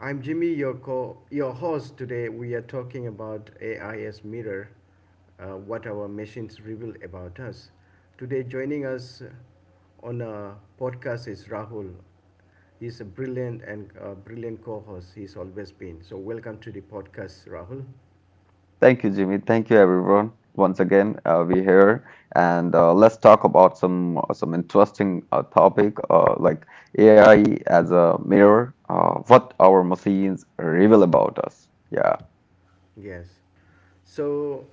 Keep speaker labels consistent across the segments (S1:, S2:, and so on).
S1: I'm Jimmy, your host today. We are talking about AI as mirror, what our machines reveal about us. Today, joining us on a podcast is Rahul. He's a brilliant co-host. He's always been. So, welcome to the podcast, Rahul.
S2: Thank you, Jimmy. Thank you, everyone. Once again, we're here, and let's talk about some interesting topic like AI as a mirror. What our machines reveal about us. Yeah.
S1: Yes. So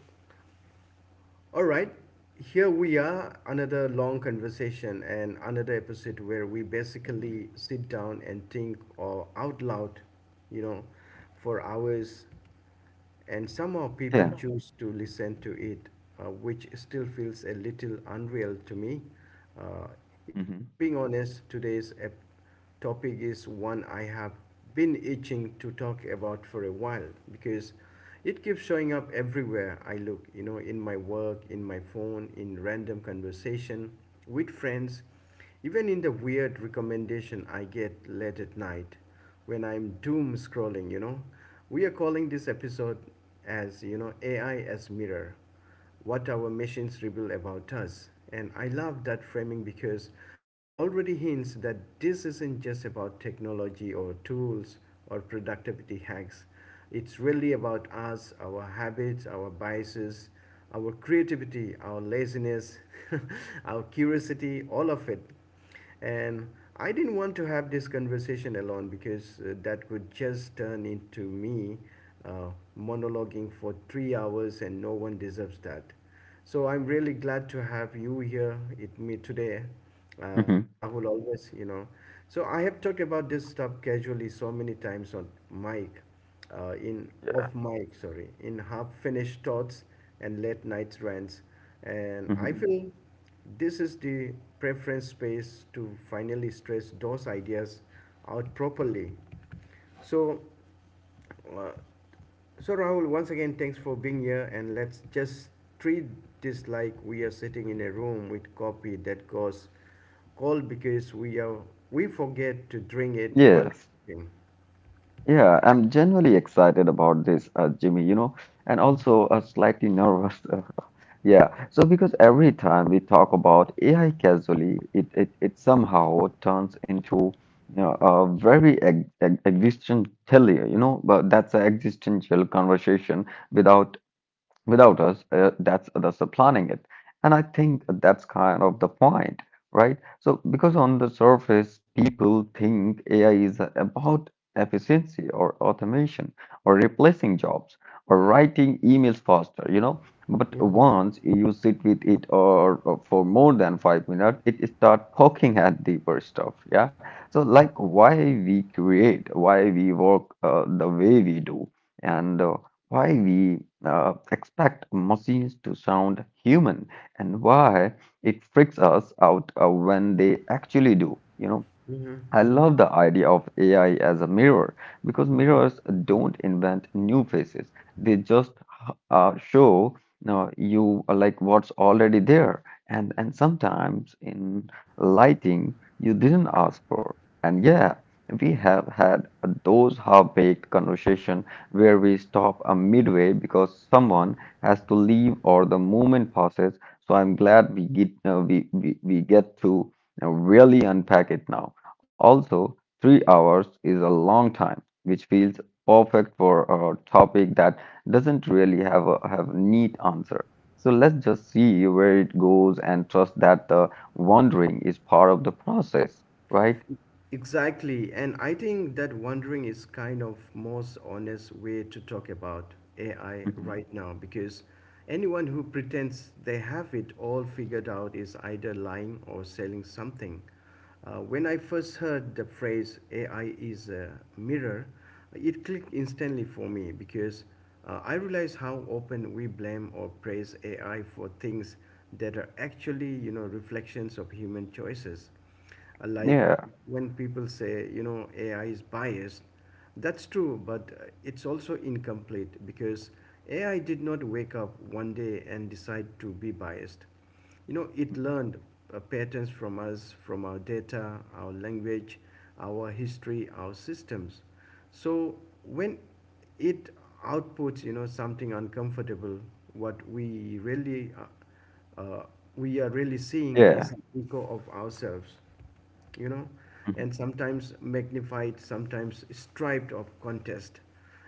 S1: All right, here we are, another long conversation and another episode where we
S2: Mhm.
S1: basically sit down and think or out loud, you know, for hours, and somehow people
S2: Yeah.
S1: choose to listen to it, which still feels a little unreal to me. Uh, if
S2: hmm
S1: I'm being honest, today's topic is one I have been itching to talk about for a while because it keeps showing up everywhere I look, in my work, in my phone, in random conversation with friends, even in the weird recommendation I get late at night when I'm doom scrolling. We are calling this episode as, AI as mirror, what our machines reveal about us. And I love that framing because it already hints that this isn't just about technology or tools or productivity hacks. It's really about us, our habits, our biases, our creativity, our laziness, our curiosity, all of it. And I didn't want to have this conversation alone because that would just turn into me uh, monologuing for 3 hours, and no one deserves that. So I'm really glad to have you here with me today. That's
S2: hmm
S1: Rahul always. So I have talked about this stuff casually so many times on mic, in
S2: Yeah.
S1: off mic, sorry, in half finished thoughts and late night rants, and I
S2: hmm
S1: feel this is the preference space to finally stress those ideas out properly. So, uh, so, Rahul, once again, thanks for being here, and let's just treat this like we are sitting in a room with coffee that goes cold because we forget to drink it while
S2: Yes.
S1: sleeping.
S2: Yeah, I'm genuinely excited about this, Jimmy, you know, and also slightly nervous Yeah, so because every time we talk about AI casually, it somehow turns into you know, a very ex ex existential, you know, but that's an existential conversation without without us that's the planning it, and I think that's kind of the point, right? So because on the surface, people think AI is about efficiency or automation, or replacing jobs, or writing emails faster, you know. But once you sit with it or for more than 5 minutes, it start poking at deeper stuff, yeah. So like why we create, why we work the way we do, and why we expect machines to sound human, and why it freaks us out when they actually do. You know,
S1: Mm-hmm.
S2: I love the idea of AI as a mirror because mirrors don't invent new faces. They just show you like what's already there, and sometimes in lighting you didn't ask for. And yeah, we have had those half-baked conversation where we stop a midway because someone has to leave or the moment passes. So I'm glad we get to really unpack it now. Also, 3 hours is a long time, which feels perfect for a topic that doesn't really have a have neat answer. So let's just see where it goes and trust that the wandering is part of the process, right?
S1: Exactly, and I think that wondering is kind of most honest way to talk about AI
S2: Mhm.
S1: right now because anyone who pretends they have it all figured out is either lying or selling something. When I first heard the phrase AI is a mirror, it clicked instantly for me because I realized how often we blame or praise AI for things that are actually, reflections of human choices. Like
S2: Yeah.
S1: when people say, AI is biased, that's true, but it's also incomplete because AI did not wake up one day and decide to be biased. It
S2: Mhm.
S1: learned patterns from us, from our data, our language, our history, our systems. So when it outputs, something uncomfortable, what we really uh, we are really seeing is
S2: Yeah.
S1: an echo of ourselves, you know,
S2: Mhm.
S1: and sometimes magnified, sometimes striped of contest,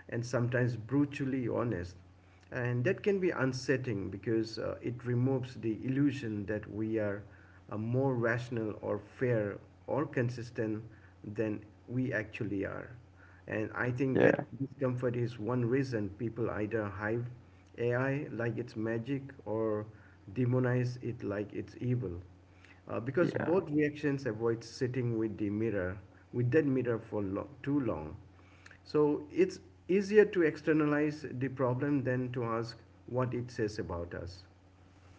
S1: and sometimes brutally honest. And that can be unsettling because it removes the illusion that we are more rational or fair or consistent than we actually are. And I think that
S2: Yeah.
S1: discomfort is one reason people either hive AI like it's magic or demonize it like it's evil. Because
S2: Yeah.
S1: both reactions avoid sitting with the mirror, with that mirror for too long. So it's easier to externalize the problem than to ask what it says about us.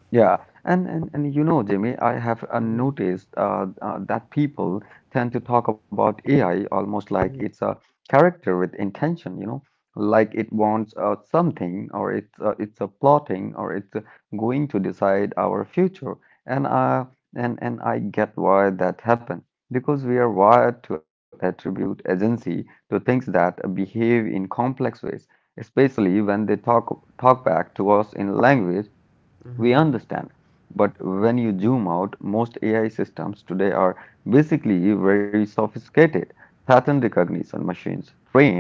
S2: Yeah, and you know, Jimmy, I have noticed that people tend to talk about AI almost like it's a character with intention, you know, like it wants something, or it's a plotting, or it's going to decide our future. And I get why that happened, because we are wired to attribute agency to things that behave in complex ways, especially when they talk back to us in language we
S1: Mhm.
S2: understand. But when you zoom out, most AI systems today are basically very sophisticated pattern recognition machines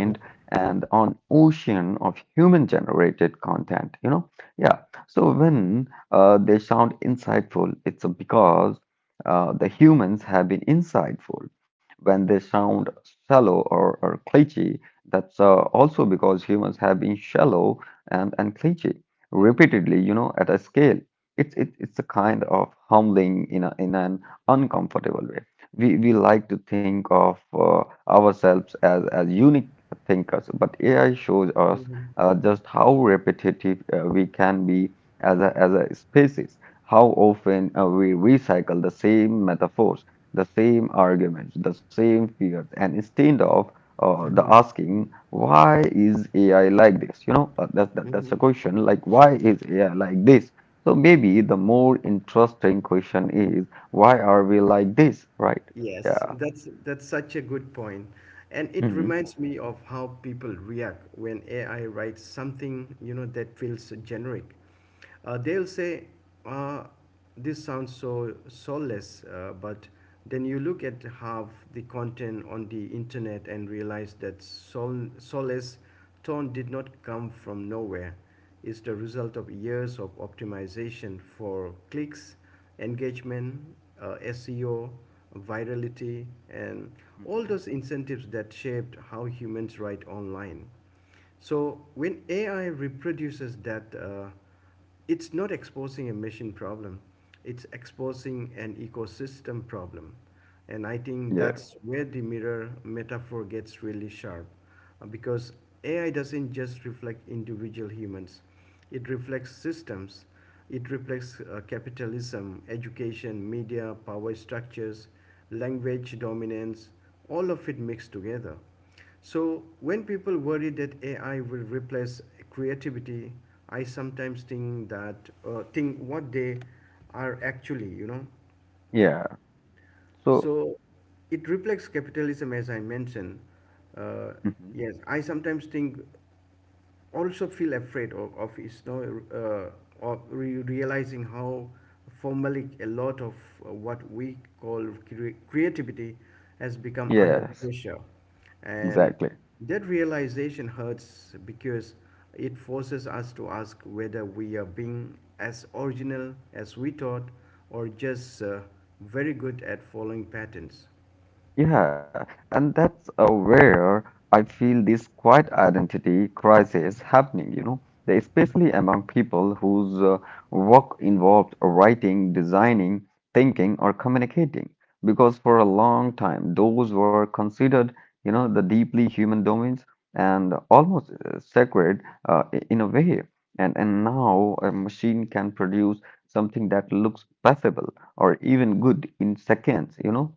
S1: Mhm.
S2: and on ocean of human generated content, you know? Yeah. So when they sound insightful, it's because the humans have been insightful. When they sound shallow or cliché, that's also because humans have been shallow and cliché repeatedly, you know, at a scale. It's a kind of humbling in an uncomfortable way. We like to think of ourselves as unique thinkers, but AI shows us
S1: Mhm.
S2: just how repetitive we can be as a species. How often we recycle the same metaphors, the same arguments, the same fears. And instead of the
S1: Mhm.
S2: asking why is AI like this? You know, that's a
S1: Mhm.
S2: question like, why is AI like this? So maybe the more interesting question is, why are we like this, right?
S1: Yes,
S2: Yeah.
S1: that's such a good point. And it
S2: hmm
S1: reminds me of how people react when AI writes something, that feels generic. They'll say, uh, this sounds so soulless, but then you look at half the content on the internet and realize that soulless tone did not come from nowhere. It's the result of years of optimization for clicks engagement, SEO, virality, and
S2: hmm
S1: all those incentives that shaped how humans write online. So when AI reproduces that, it's not exposing a machine problem; it's exposing an ecosystem problem, and I think
S2: Yeah.
S1: that's where the mirror metaphor gets really sharp, because AI doesn't just reflect individual humans; it reflects systems. It reflects capitalism, education, media, power structures, language dominance, all of it mixed together. So, when people worry that AI will replace creativity, I sometimes think what they are actually.
S2: Yeah. So,
S1: So, it reflects capitalism, as I mentioned. Uh,
S2: Mhm.
S1: yes, I sometimes think also feel afraid of is no of realizing how formally a lot of what we call creativity has become under
S2: Yes,
S1: pressure, and
S2: exactly.
S1: that realization hurts because it forces us to ask whether we are being as original as we thought or just very good at following patterns.
S2: Yeah, and that's where I feel this quiet identity crisis happening, you know, especially among people whose work involved writing, designing, thinking, or communicating. Because for a long time, those were considered, you know, the deeply human domains, and almost sacred in a way. And now a machine can produce something that looks passable or even good in seconds, you know.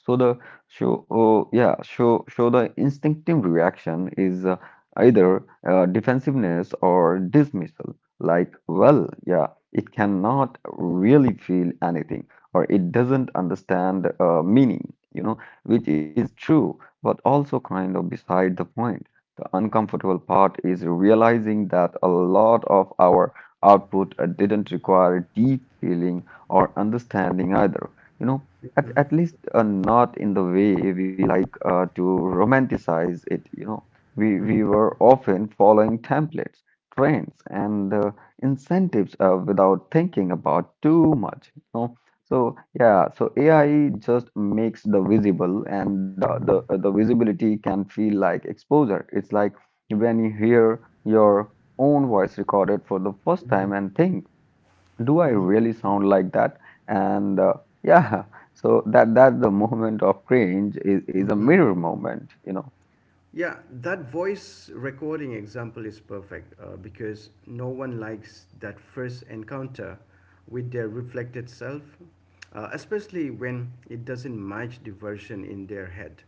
S2: So the show, oh, yeah, show, show the instinctive reaction is either defensiveness or dismissal. Like, well, yeah, it cannot really feel anything, or it doesn't understand meaning, you know, which is true, but also kind of beside the point. The uncomfortable part is realizing that a lot of our output didn't require deep feeling or understanding either. You know, at least not in the way we like to romanticize it, you know. We were often following templates, trends, and incentives without thinking about too much, you know. So yeah, so AI just makes the visible, and
S1: Mm-hmm.
S2: the visibility can feel like exposure. It's like when you hear your own voice recorded for the first time and think, do I
S1: Mm-hmm.
S2: really sound like that? And yeah, so that that the moment of cringe is a
S1: Mm-hmm.
S2: mirror moment, you know.
S1: Yeah, that voice recording example is perfect because no one likes that first encounter with their reflected self, especially when it doesn't match the version in their head.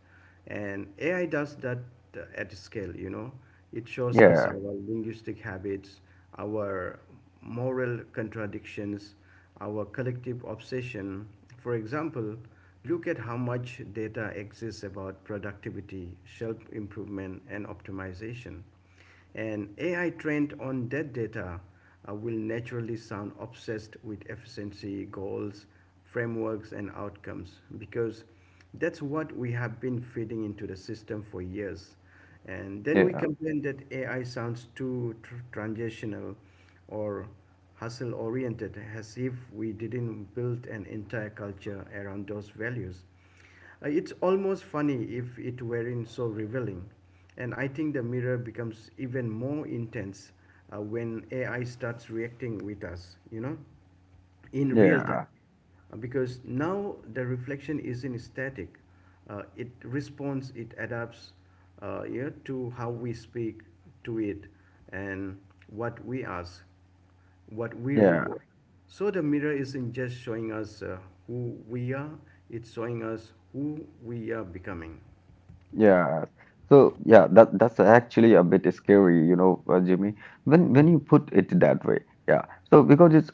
S1: And AI does that at scale. It shows us our
S2: Yeah,
S1: linguistic habits, our moral contradictions, our collective obsession. For example, look at how much data exists about productivity, shelf improvement, and optimization. An AI trained on that data will naturally sound obsessed with efficiency goals, frameworks, and outcomes because that's what we have been feeding into the system for years. And then we
S2: yeah,
S1: complain that AI sounds too transitional or hustle oriented, as if we didn't build an entire culture around those values. It's almost funny if it weren't so revealing. And I think the mirror becomes even more intense when AI starts reacting with us, in real time.
S2: yeah,
S1: Because now the reflection isn't static, it responds, it adapts, yeah, to how we speak to it, and what we ask, what we
S2: yeah.
S1: reward. So the mirror isn't just showing us who we are. It's showing us who we are becoming.
S2: Yeah. So yeah, that that's actually a bit scary, you know, Jimmy, when you
S1: Mhm.
S2: put it that way. Yeah. So because it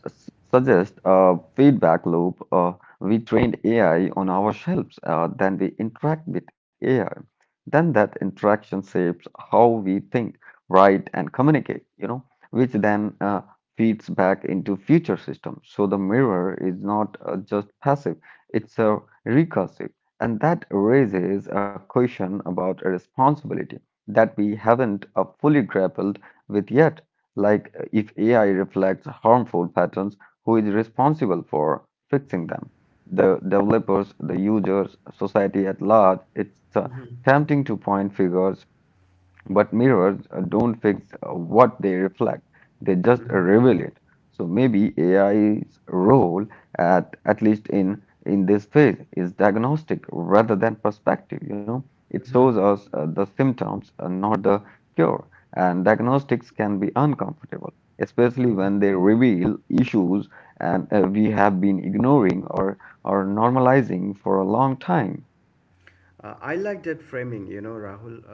S2: suggests a feedback loop, we trained AI on ourselves, then we interact with AI. Then that interaction shapes how we think, write, and communicate, you know, which then feeds back into future systems. So the mirror is not just passive, it's a recursive. And that raises a question about a responsibility that we haven't fully grappled with yet. Like, if AI reflects harmful patterns, who is responsible for fixing them? The developers, the users, society at large. It's tempting to point fingers, but mirrors don't fix what they reflect, they just reveal it. So maybe AI's role, at least in this phase, is diagnostic rather than perspective. You know, it shows
S1: Mhm.
S2: us the symptoms, not the cure. And diagnostics can be uncomfortable, especially
S1: Mhm.
S2: when they reveal issues and we have been ignoring or normalizing for a long time.
S1: I like that framing, Rahul,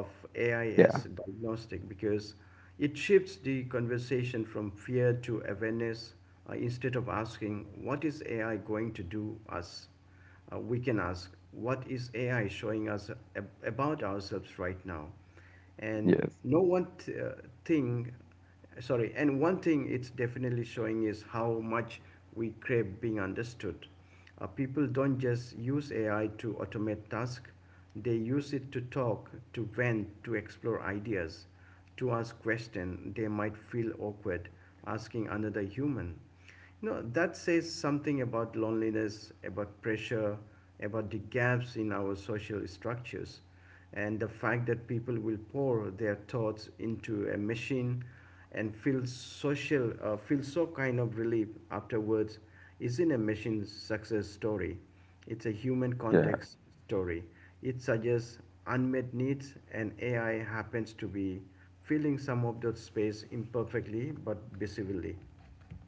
S1: of AI
S2: Yeah,
S1: as diagnostic because it shifts the conversation from fear to awareness, instead of asking, what is AI going to do us? We can ask, what is AI showing us about ourselves right now? And
S2: yes.
S1: no one th- thing sorry and one thing it's definitely showing is how much we crave being understood. People don't just use AI to automate tasks, they use it to talk, to vent, to explore ideas, to ask questions they might feel awkward asking another human. That says something about loneliness, about pressure, about the gaps in our social structures, and the fact that people will pour their thoughts into a machine and feel so kind of relief afterwards isn't a machine success story, it's a human
S2: Yeah.
S1: context story. It suggests unmet needs, and AI happens to be filling some of that space imperfectly but visibly.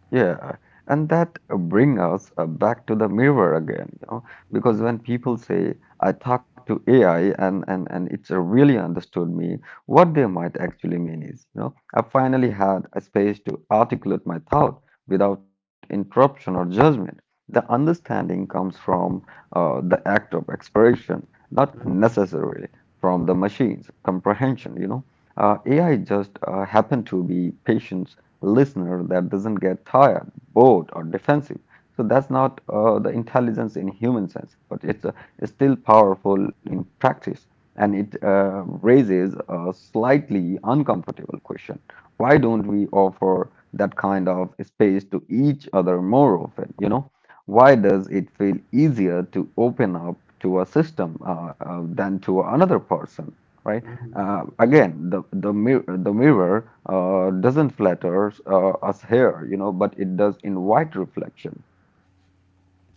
S2: Yeah, and that bring us back to the mirror again, you know, because when people say I talk to AI and it's really understood me, what they might actually mean is, you know, I finally had a space to articulate my thought without interruption or judgment. The understanding comes from the act of expression, not necessarily from the machine's comprehension, you know. AI just happened to be patient listener that doesn't get tired, bored, or defensive. So that's not the intelligence in human sense, but it's still powerful in practice. And it raises a slightly uncomfortable question. Why don't we offer that kind of space to each other more often? You know, why does it feel easier to open up to a system than to another person, right?
S1: Mhm.
S2: Again, the mirror doesn't flatter us here, you know, but it does invite reflection.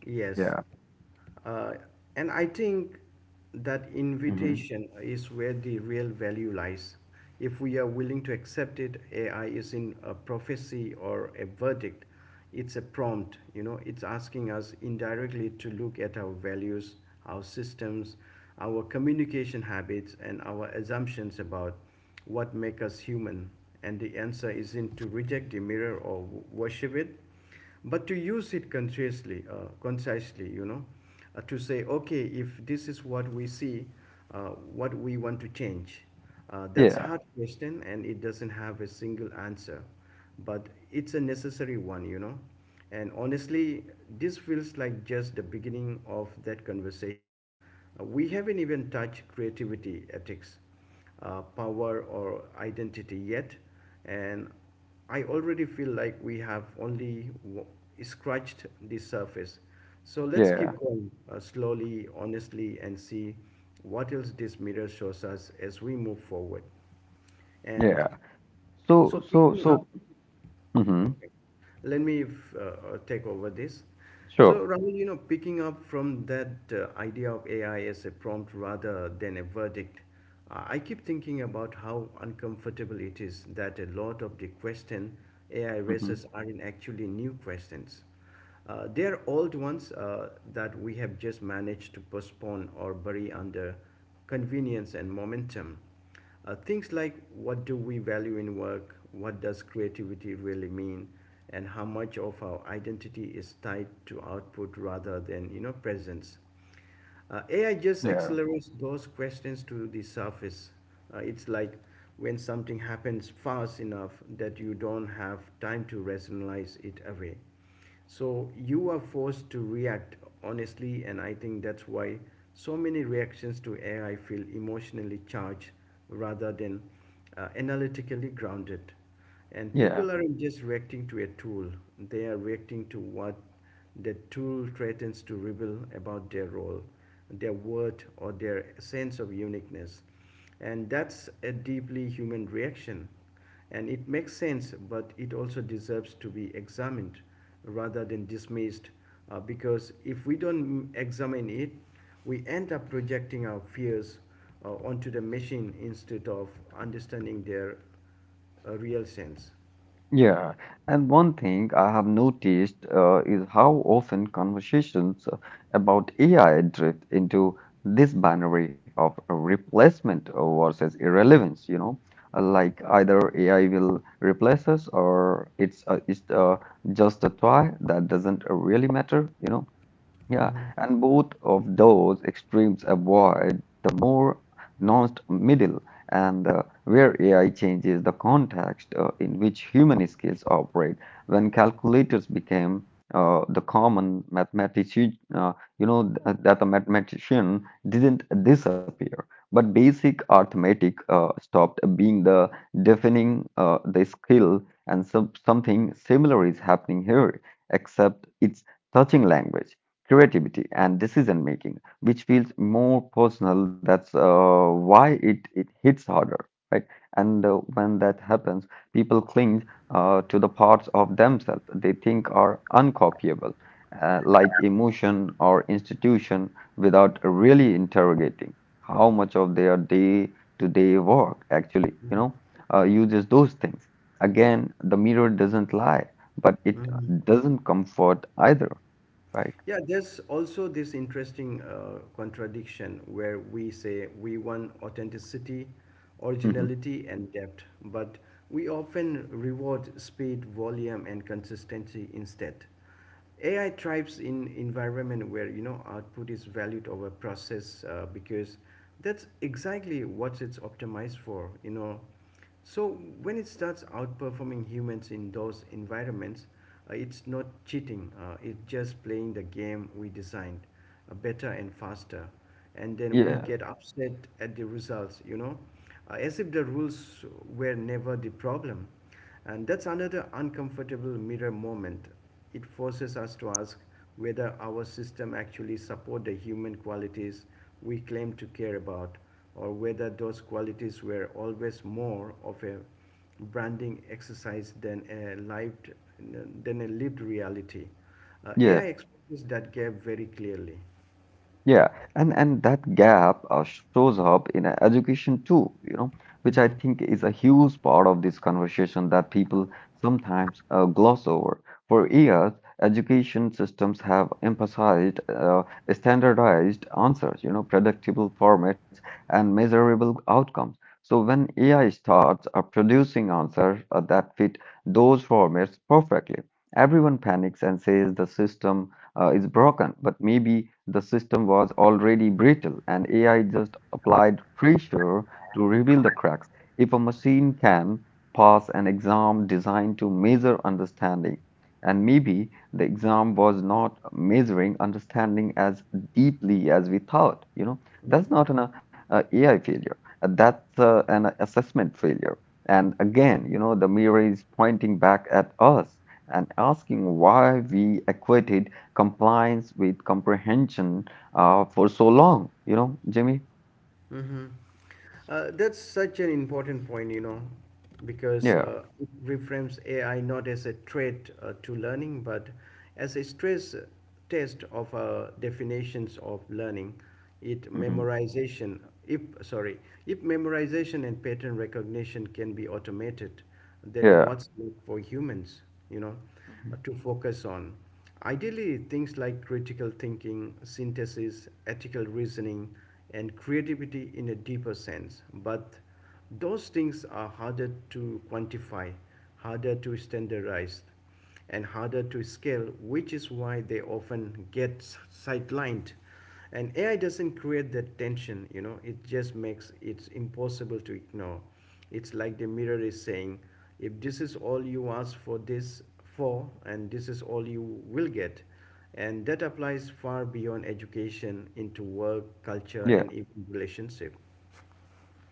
S1: Yes.
S2: Yeah.
S1: Uh, and I think that
S2: hmm
S1: invitation is where the real value lies. If we are willing to accept it, AI isn't a prophecy or a verdict. It's a prompt, it's asking us indirectly to look at our values, our systems, our communication habits, and our assumptions about what make us human. And the answer isn't to reject the mirror or worship it, but to use it consciously, concisely, to say, okay, if this is what we see, what we want to change. That's
S2: Yeah.
S1: hard question, and it doesn't have a single answer, but it's a necessary one. And honestly, this feels like just the beginning of that conversation. We haven't even touched creativity, ethics, power, or identity yet, and I already feel like we have only scratched the surface. So let's keep
S2: Yeah.
S1: going slowly, honestly, and see what else this mirror shows us as we move forward. And
S2: Yeah.
S1: so
S2: So so
S1: picking up
S2: so. hmm
S1: Okay. Let me take over this.
S2: Sure.
S1: So, Rahul, picking up from that idea of AI as a prompt rather than a verdict, I keep thinking about how uncomfortable it is that a lot of the question AI raises
S2: hmm
S1: aren't actually new questions. They are old ones that we have just managed to postpone or bury under convenience and momentum. Things like what do we value in work, what does creativity really mean, and how much of our identity is tied to output rather than presence. AI just
S2: Yeah.
S1: accelerates those questions to the surface. It's like when something happens fast enough that you don't have time to rationalize it away. So you are forced to react honestly, and I think that's why so many reactions to AI feel emotionally charged rather than analytically grounded. And
S2: Yeah.
S1: people aren't just reacting to a tool, they are reacting to what the tool threatens to reveal about their role, their worth, or their sense of uniqueness. And that's a deeply human reaction. And it makes sense, but it also deserves to be examined rather than dismissed because if we don't examine it, we end up projecting our fears onto the machine instead of understanding their real sense.
S2: Yeah, and one thing I have noticed is how often conversations about AI drift into this binary of replacement versus irrelevance, you know. Like either AI will replace us, or it's just a toy that doesn't really matter, you know. Yeah,
S1: Mhm.
S2: and both of those extremes avoid the more nuanced middle, and where AI changes the context in which human skills operate. When calculators became the common mathematician, you know, that the mathematician didn't disappear, but basic arithmetic stopped being the defining the skill, and something similar is happening here, except it's touching language, creativity, and decision making, which feels more personal. That's why it hits harder, right? And when that happens, people cling to the parts of themselves they think are uncopyable, like emotion or institution, without really interrogating how much of their day-to-day work actually, you know, uses those things. Again, the mirror doesn't lie, but it
S1: Mhm.
S2: doesn't comfort either, right?
S1: Yeah, there's also this interesting contradiction where we say we want authenticity,
S2: Mhm.
S1: originality, and depth, but we often reward speed, volume, and consistency instead. AI thrives in environment where, you know, output is valued over process because that's exactly what it's optimized for. You know, so when it starts outperforming humans in those environments, it's not cheating. It's just playing the game we designed, better and faster, and then we
S2: Yeah,
S1: get upset at the results. You know, as if the rules were never the problem. And that's another uncomfortable mirror moment. It forces us to ask whether our system actually support the human qualities we claim to care about or whether those qualities were always more of a branding exercise than a lived reality. AI
S2: yeah,
S1: exposes that gap very clearly.
S2: yeah. And that gap shows up in education too, you know, which I think is a huge part of this conversation that people sometimes gloss over. For years, education systems have emphasized standardized answers, you know, predictable formats and measurable outcomes. So when AI starts producing answers that fit those formats perfectly, everyone panics and says the system is broken. But maybe the system was already brittle, and AI just applied pressure to reveal the cracks. If a machine can pass an exam designed to measure understanding, and maybe the exam was not measuring understanding as deeply as we thought, you know, that's not an AI failure. That's an assessment failure. And again, you know, the mirror is pointing back at us and asking why we acquitted compliance with comprehension for so long, you know, Jimmy?
S1: Mm-hmm. That's such an important point, you know, because
S2: Yeah.
S1: it reframes AI not as a threat to learning, but as a stress test of definitions of learning. It
S2: hmm
S1: memorization, if sorry, if memorization and pattern recognition can be automated, then
S2: Yeah.
S1: what's left for humans, you know,
S2: Mhm.
S1: to focus on? Ideally, things like critical thinking, synthesis, ethical reasoning, and creativity in a deeper sense. But those things are harder to quantify, harder to standardize and harder to scale, which is why they often get sidelined. And AI doesn't create that tension, you know, it just makes it impossible to ignore. It's like the mirror is saying, if this is all you ask for this for, and this is all you will get. And that applies far beyond education into work, culture,
S2: Yeah.
S1: and even relationship.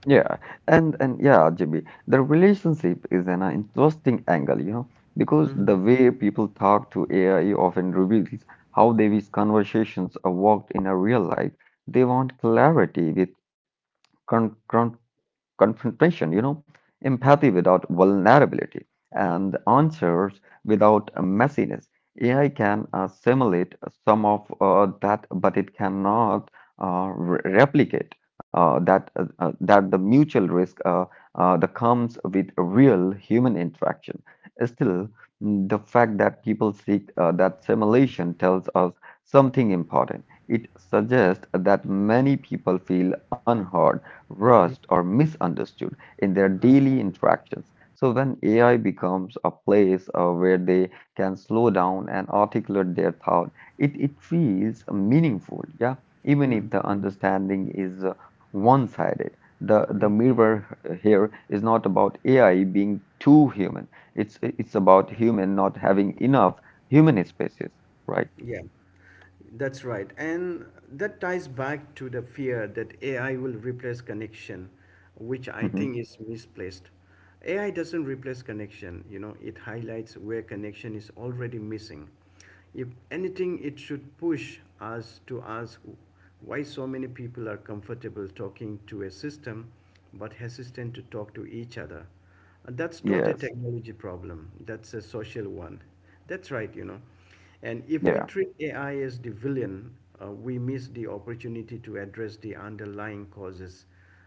S2: Yeah. And yeah, Jimmy, the relationship is an interesting angle, you know, because the way people talk to AI often reveals how they wish conversations are worked in a real life. They want clarity with con confrontation, you know, empathy without vulnerability, and answers without messiness. AI can simulate some of that, but it cannot replicate that the mutual risk that comes with real human interaction. Still, the fact that people seek that simulation tells us something important. It suggests that many people feel unheard, rushed, or misunderstood in their daily interactions. So when AI becomes a place where they can slow down and articulate their thought, it feels meaningful, yeah, even if the understanding is one-sided. The mirror here is not about AI being too human. It's about human not having enough human spaces, right?
S1: Yeah, that's right. And that ties back to the fear that AI will replace connection, which I
S2: Hmm.
S1: think is misplaced. AI doesn't replace connection, you know, it highlights where connection is already missing. If anything, it should push us to ask why so many people are comfortable talking to a system but hesitant to talk to each other. That's not a
S2: Yes.
S1: technology problem, that's a social one. That's right, you know. And if we
S2: Yeah.
S1: treat AI as the villain, we miss the opportunity to address the underlying causes.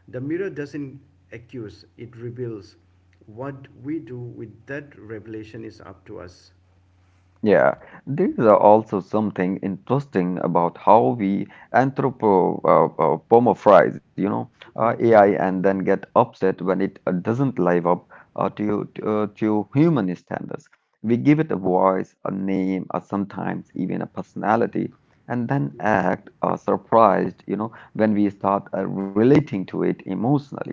S1: The mirror doesn't accuse, it reveals. What we do with that revelation is up to us.
S2: Yeah, there is also something interesting about how we anthropomorphize, you know, AI, and then get upset when it doesn't live up to human standards. We give it a voice, a name, or sometimes even a personality, and then act surprised, you know, when we start relating to it emotionally.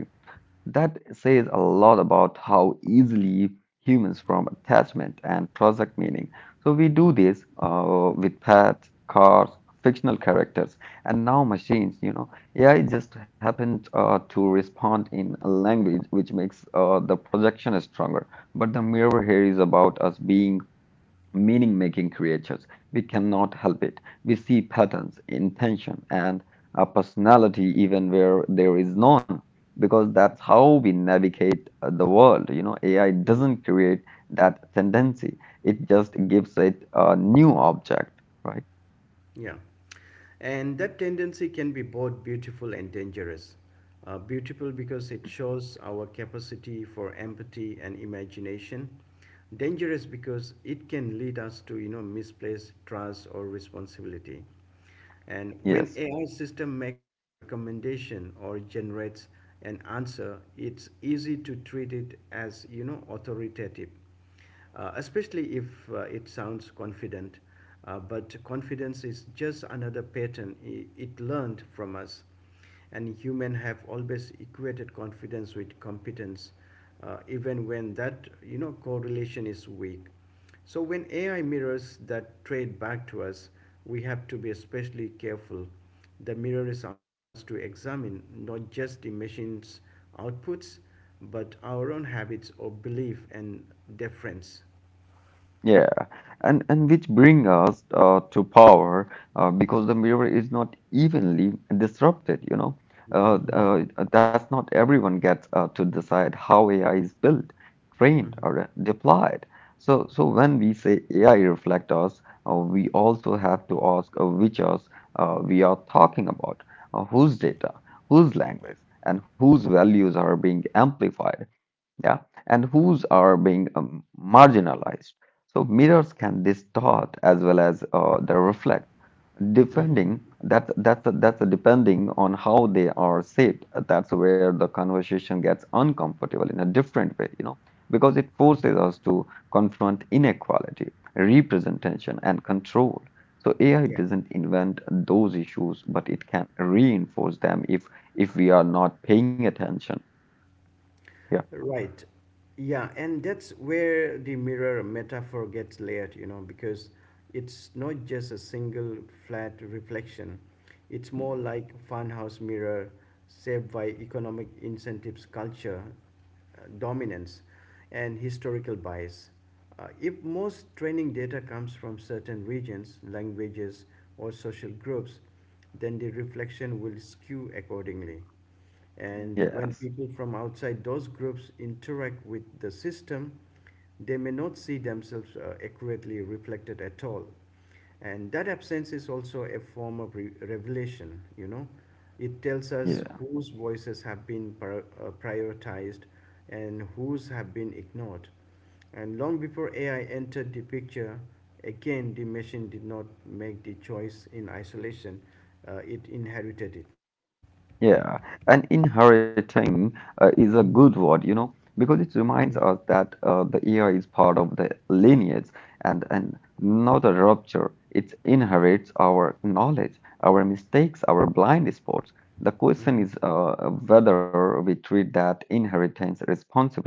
S2: That says a lot about how easily humans form attachment and project meaning. So we do this with pets, cars, fictional characters, and now machines. You know, AI just happened to respond in a language which makes the projection stronger. But the mirror here is about us being meaning making creatures. We cannot help it. We see patterns, intention, and a personality even where there is none, because that's how we navigate the world. You know, AI doesn't create that tendency, it just gives it a new object, right?
S1: Yeah. And that tendency can be both beautiful and dangerous. Beautiful because it shows our capacity for empathy and imagination. Dangerous because it can lead us to, you know, misplaced trust or responsibility. And when
S2: Yes.
S1: AI system makes a recommendation or generates an answer, it's easy to treat it as, you know, authoritative especially if it sounds confident. But confidence is just another pattern it learned from us. And humans have always equated confidence with competence, even when that, you know, correlation is weak. So when AI mirrors that trade back to us, we have to be especially careful the mirror is asking us to examine not just the machine's outputs, but our own habits of belief and deference.
S2: Yeah, and which bring us to power because the mirror is not evenly disrupted, you know. Uh,
S1: Hmm.
S2: uh, that's not everyone gets to decide how AI is built, trained, or
S1: Hmm.
S2: deployed. So when we say AI reflect us, we also have to ask which us we are talking about, whose data, whose language, and whose values are being amplified, yeah, and whose are being marginalized. So mirrors can distort as well as they reflect,
S1: Hmm.
S2: depending that that's depending on how they are shaped. That's where the conversation gets uncomfortable in a different way, you know, because it forces us to confront inequality, representation, and control. So AI
S1: Yeah.
S2: doesn't invent those issues, but it can reinforce them if we are not paying attention. Yeah.
S1: Right. Yeah, and that's where the mirror metaphor gets layered, you know, because it's not just a single flat reflection. It's more
S2: Mhm.
S1: like funhouse mirror shaped by economic incentives, culture, dominance, and historical bias. If most training data comes from certain regions, languages, or social groups, then the reflection will skew accordingly. And
S2: Yes.
S1: when people from outside those groups interact with the system, they may not see themselves accurately reflected at all. And that absence is also a form of revelation, you know. It tells
S2: Yeah,
S1: us whose voices have been prioritized and whose have been ignored. And long before AI entered the picture, again, the machine did not make the choice in isolation, it inherited it.
S2: yeah. And inheriting is a good
S1: Mhm.
S2: word, you know, because it reminds us that the year is part of the lineage, and not a rupture. It inherits our knowledge, our mistakes, our blind spots. The question
S1: Mhm.
S2: is whether we treat that inheritance responsibly.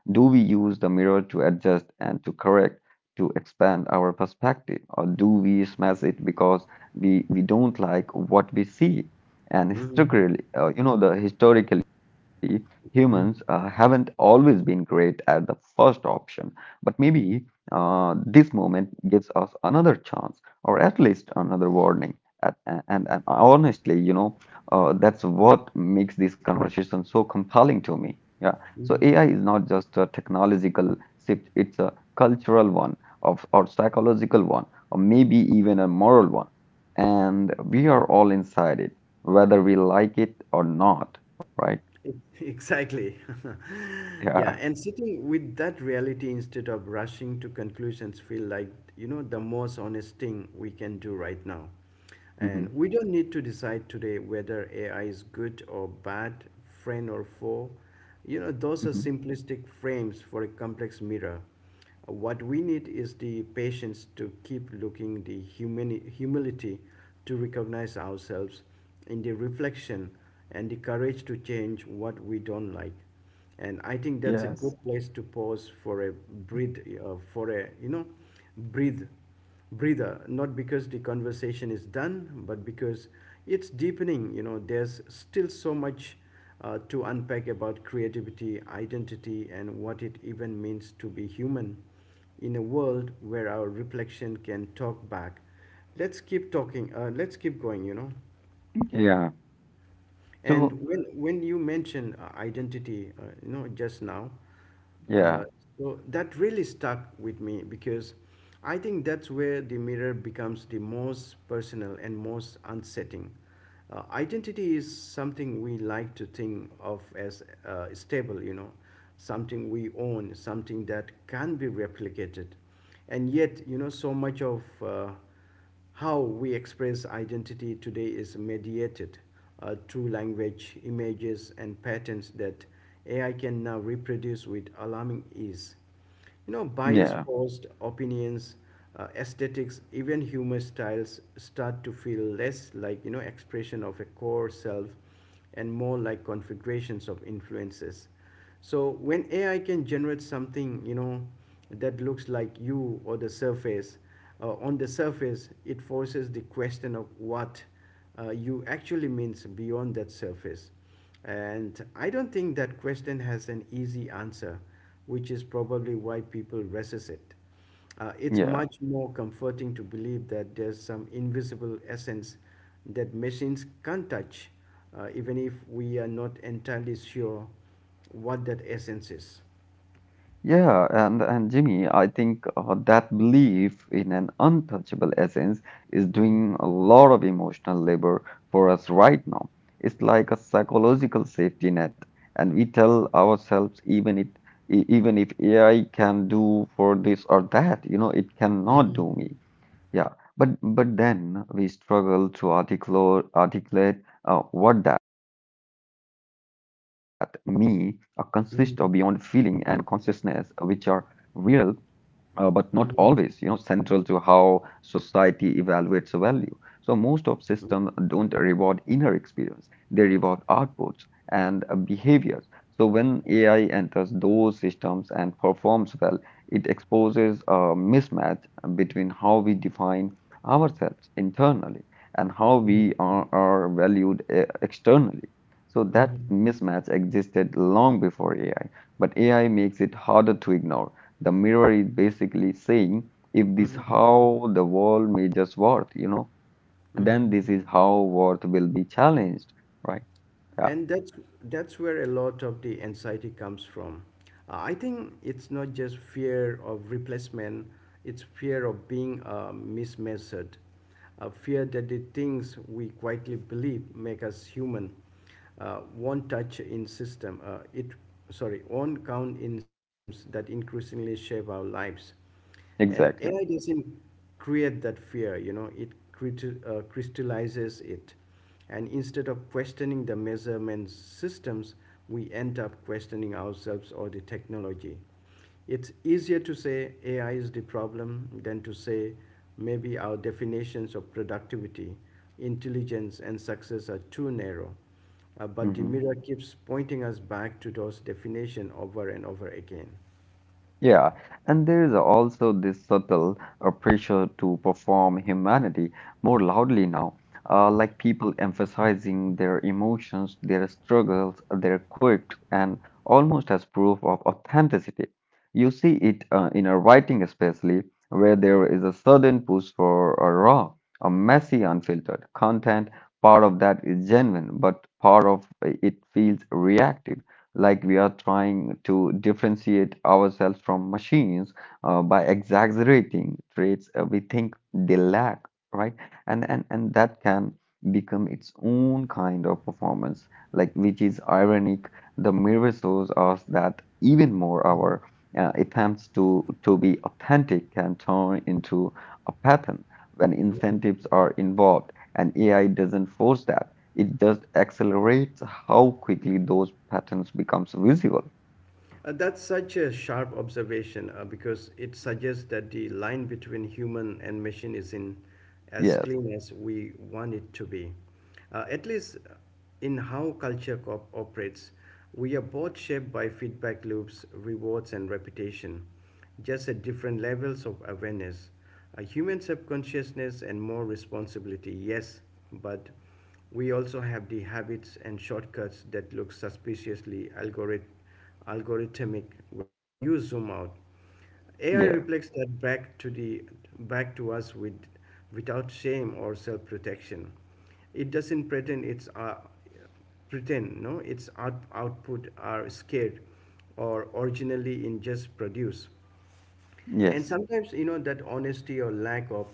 S2: Do we use the mirror to adjust and to correct, to expand our perspective, or do we smash it because we don't like what we see? And
S1: Mhm,
S2: historically, you know, the historically humans
S1: mm,
S2: haven't always been great at the first option, but maybe this moment gives us another chance, or at least another warning. And honestly, you know, that's what makes this conversation so compelling to me. Yeah. So
S1: mhm.
S2: AI is not just a technological shift; it's a cultural one, of or psychological one, or maybe even a moral one, and we are all inside it whether we like it or not, right?
S1: E- Exactly.
S2: Yeah.
S1: Yeah, and sitting with that reality instead of rushing to conclusions feel like, you know, the most honest thing we can do right now. And
S2: Hmm.
S1: we don't need to decide today whether AI is good or bad, friend or foe. You know, those are
S2: Hmm.
S1: simplistic frames for a complex mirror. What we need is the patience to keep looking, the humility to recognize ourselves in the reflection, and the courage to change what we don't like. And I think that's a
S2: Yes.
S1: good place to pause for a breathe, for a you know, breathe breather, not because the conversation is done, but because it's deepening. You know, there's still so much to unpack about creativity, identity, and what it even means to be human in a world where our reflection can talk back. Let's keep talking, let's keep going, you know.
S2: Okay. Yeah.
S1: And
S2: So,
S1: when you mention identity, just now, uh,
S2: yeah,
S1: so that really stuck with me because I think that's where the mirror becomes the most personal and most unsettling. Identity is something we like to think of as stable, you know, something we own, something that can be replicated, and yet, you know, so much of how we express identity today is mediated through language, images, and patterns that AI can now reproduce with alarming ease. You know, bias,
S2: yeah,
S1: post opinions, aesthetics, even humor styles start to feel less like, you know, expression of a core self and more like configurations of influences. So when AI can generate something, you know, that looks like you or the surface, on the surface, it forces the question of what you actually means beyond that surface. And I don't think that question has an easy answer, which is probably why people resist it. It's
S2: yeah,
S1: much more comforting to believe that there's some invisible essence that machines can't touch, even if we are not entirely sure what that essence is.
S2: yeah. And Jimmy, I think that belief in an untouchable essence is
S1: Mhm,
S2: doing a lot of emotional labor for us right now. It's like a psychological safety net, and we tell ourselves even even if AI can do for this or that, you know, it cannot
S1: mhm,
S2: do me. Yeah, but then we struggle to articulate what that me consists of beyond feeling and
S1: mhm,
S2: consciousness, which are real but not always, you know,
S1: mhm,
S2: central to how society evaluates a value. So most of systems
S1: mhm,
S2: don't reward inner experience, they reward outputs and behaviors. So when AI enters those systems and performs well, it exposes a mismatch between how we define ourselves internally and how
S1: mhm,
S2: we are valued externally. So that
S1: mhm,
S2: mismatch existed long before AI, but AI makes it harder to ignore. The mirror is basically saying, if this
S1: mhm.
S2: how the world measures worth, you know, then
S1: Mhm.
S2: this is how worth will be challenged, right? Yeah,
S1: And that's where a lot of the anxiety comes from. I think it's not just fear of replacement; it's fear of being mismeasured, a fear that the things we quietly believe make us human won't touch in system. It sorry won't count in systems that increasingly shape our lives. And
S2: exactly.
S1: AI doesn't create that fear, you know, it crystallizes it. And instead of questioning the measurement systems, we end up questioning ourselves or the technology. It's easier to say AI is the problem than to say maybe our definitions of productivity, intelligence, and success are too narrow. But the
S2: Mhm.
S1: mirror keeps pointing us back to those definitions over and over again.
S2: Yeah, and there is also this subtle pressure to perform humanity more loudly now, like people emphasizing their emotions, their struggles, their quirks, and almost as proof of authenticity. You see it in a writing, especially where there is a sudden push for a raw, a messy, unfiltered content. Part of that is genuine, but part of it feels reactive, like we are trying to differentiate ourselves from machines by exaggerating traits we think they lack, right? And that can become its own kind of performance, like, which is ironic. The mirror shows us that even more our attempts to be authentic can turn into a pattern when incentives are involved, and AI doesn't force that. It just accelerates how quickly those patterns becomes visible.
S1: That's such a sharp observation because it suggests that the line between human and machine is in as
S2: Yes,
S1: clean as we want it to be. At least in how culture operates, we are both shaped by feedback loops, rewards, and reputation, just at different levels of awareness. A human subconsciousness and more responsibility, yes, but we also have the habits and shortcuts that look suspiciously algorithmic when you zoom out. AI
S2: yeah,
S1: reflects that back to the back to us with without shame or self-protection. It doesn't pretend it's pretend no its output are scared or originally in just produce. And
S2: yes,
S1: sometimes, you know, that honesty or lack of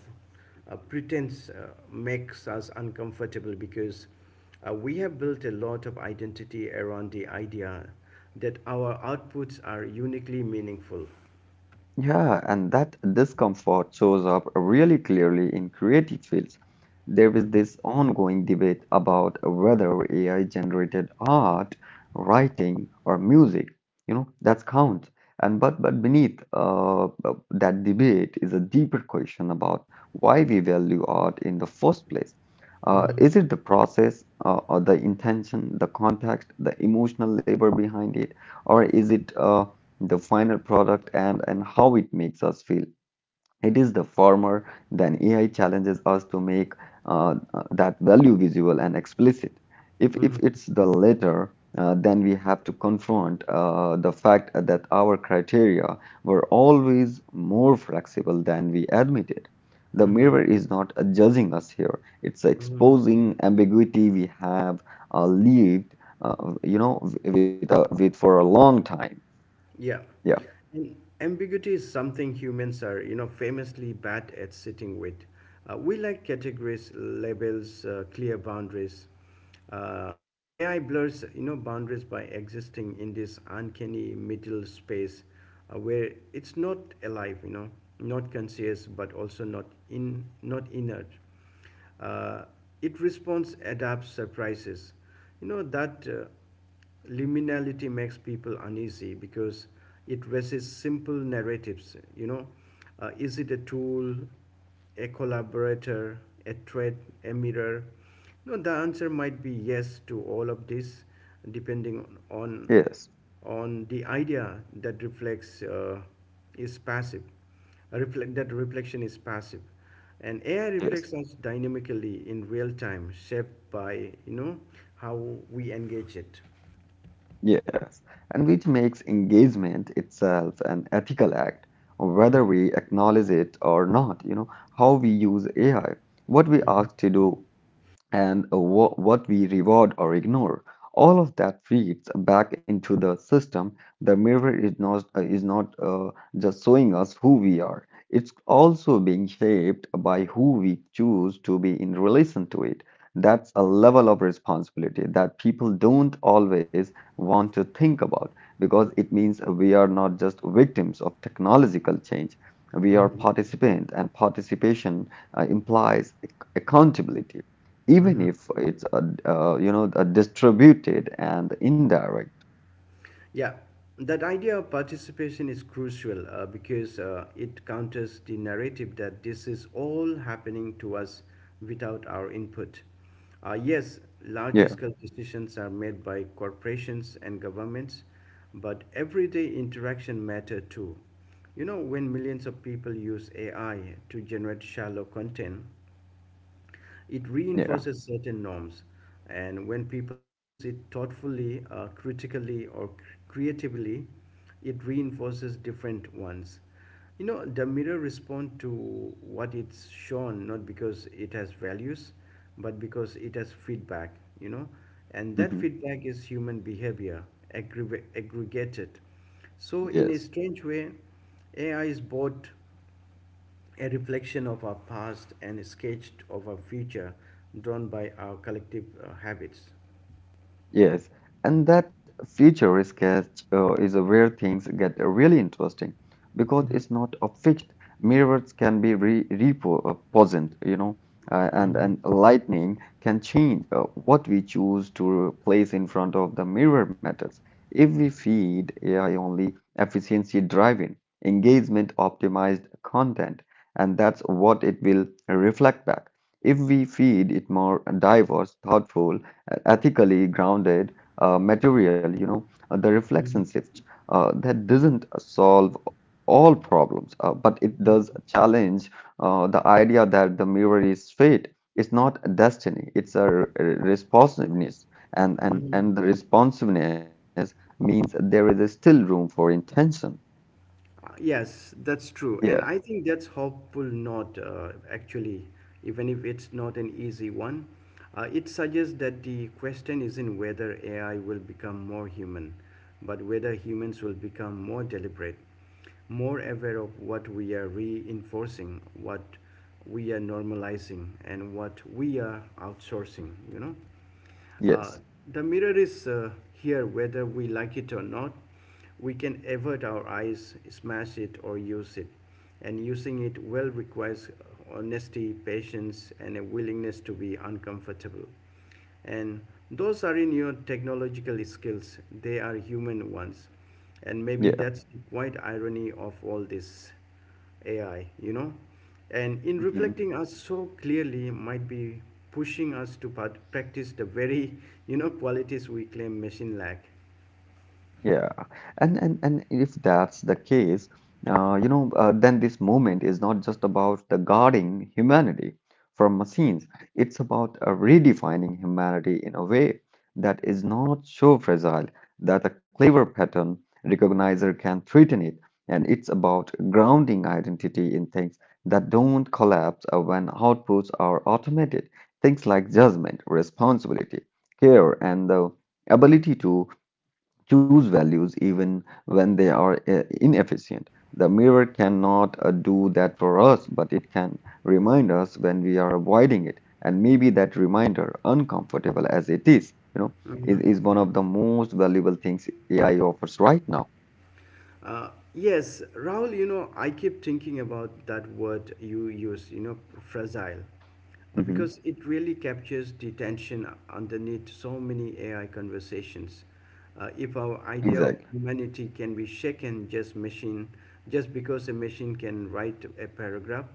S1: pretense makes us uncomfortable because we have built a lot of identity around the idea that our outputs are uniquely meaningful.
S2: Yeah, and that discomfort shows up really clearly in creative fields. There is this ongoing debate about whether AI-generated art, writing, or music, you know, that counts. And but beneath that debate is a deeper question about why we value art in the first place.
S1: Mm-hmm,
S2: Is it the process, or the intention, the context, the emotional labor behind it, or is it the final product, and how it makes us feel. It is the former, then AI challenges us to make that value visible and explicit. If
S1: mm-hmm,
S2: it's the latter, then we have to confront the fact that our criteria were always more flexible than we admitted. The
S1: mm-hmm.
S2: mirror is not judging us here, it's exposing ambiguity we have lived, uh, with for a long time.
S1: Yeah.
S2: Yeah,
S1: And ambiguity is something humans are, you know, famously bad at sitting with. We like categories, labels, clear boundaries. Uh, AI blurs, you know, boundaries by existing in this uncanny middle space where it's not alive, you know, not conscious, but also not not inert. Uh, it responds, adapts, surprises. You know that. Liminality makes people uneasy because it resists simple narratives, you know, is it a tool, a collaborator, a threat, a mirror? No, the answer might be yes to all of this, depending on
S2: yes.
S1: on the idea that reflects is passive reflect that reflection is passive and AI reflects
S2: Yes,
S1: us dynamically in real time shaped by, you know, how we engage it.
S2: yes, and which makes engagement itself an ethical act, whether we acknowledge it or not. You know, how we use AI, what we ask to do, and what we reward or ignore. All of that feeds back into the system. The mirror is not just showing us who we are. It's also being shaped by who we choose to be in relation to it. That's a level of responsibility that people don't always want to think about because it means we are not just victims of technological change. We are
S1: Mhm.
S2: participants, and participation implies accountability, even if it's a you know, a distributed and indirect.
S1: Yeah, that idea of participation is crucial because it counters the narrative that this is all happening to us without our input. Yes, large
S2: Yeah,
S1: scale decisions are made by corporations and governments, but everyday interaction matter too. You know, when millions of people use AI to generate shallow content, it
S2: yeah.
S1: reinforces certain norms, and when people use it thoughtfully, critically, or creatively, it reinforces different ones. You know, the mirror responds to what it's shown, not because it has values, but because it has feedback, you know, and that
S2: Hmm.
S1: feedback is human behavior aggregated. So, in a
S2: Yes.
S1: strange way, AI is both a reflection of our past and a sketch of our future drawn by our collective habits.
S2: Yes, and that future sketch is where things get really interesting because it's not a fixed. Mirrors can be re repositioned, you know,
S1: Mhm.
S2: and lightning can change what we choose to place in front of the mirror matters. If we feed AI only efficiency driving, engagement optimized content, and that's what it will reflect back. If we feed it more diverse, thoughtful, ethically grounded material, you know, the reflection shift, that doesn't solve all problems, but it does challenge the idea that the mirror is fate. It's not destiny. It's a responsiveness, and the responsiveness means there is still room for intention.
S1: Yes, that's true.
S2: Yeah.
S1: And I think that's hopeful note, actually, even if it's not an easy one. It suggests that the question isn't whether AI will become more human, but whether humans will become more deliberate, more aware of what we are reinforcing, what we are normalizing, and what we are outsourcing, you know? Uh,
S2: Yes.
S1: the mirror is here whether we like it or not. We can avert our eyes, smash it, or use it. And using it well requires honesty, patience, and a willingness to be uncomfortable. And those are in your technological skills, they are human ones. And maybe
S2: Yeah.
S1: that's the quiet irony of all this. AI, you know, and in
S2: Mm-hmm.
S1: reflecting us so clearly might be pushing us to practice the very, you know, qualities we claim machine lack.
S2: Yeah, and if that's the case, then this movement is not just about the guarding humanity from machines. It's about redefining humanity in a way that is not so fragile that a clever pattern recognizer can threaten it. And it's about grounding identity in things that don't collapse when outputs are automated. Things like judgment, responsibility, care, and the ability to choose values even when they are inefficient. The mirror cannot do that for us, but it can remind us when we are avoiding it. And maybe that reminder, uncomfortable as it is, you know, is,
S1: Mhm.
S2: is one of the most valuable things AI offers right now.
S1: Uh, yes, Rahul, you know, I keep thinking about that word you use, you know, fragile,
S2: Mhm.
S1: because it really captures the tension underneath so many AI conversations. If our idea
S2: Exactly.
S1: of humanity can be shaken just machine, just because a machine can write a paragraph,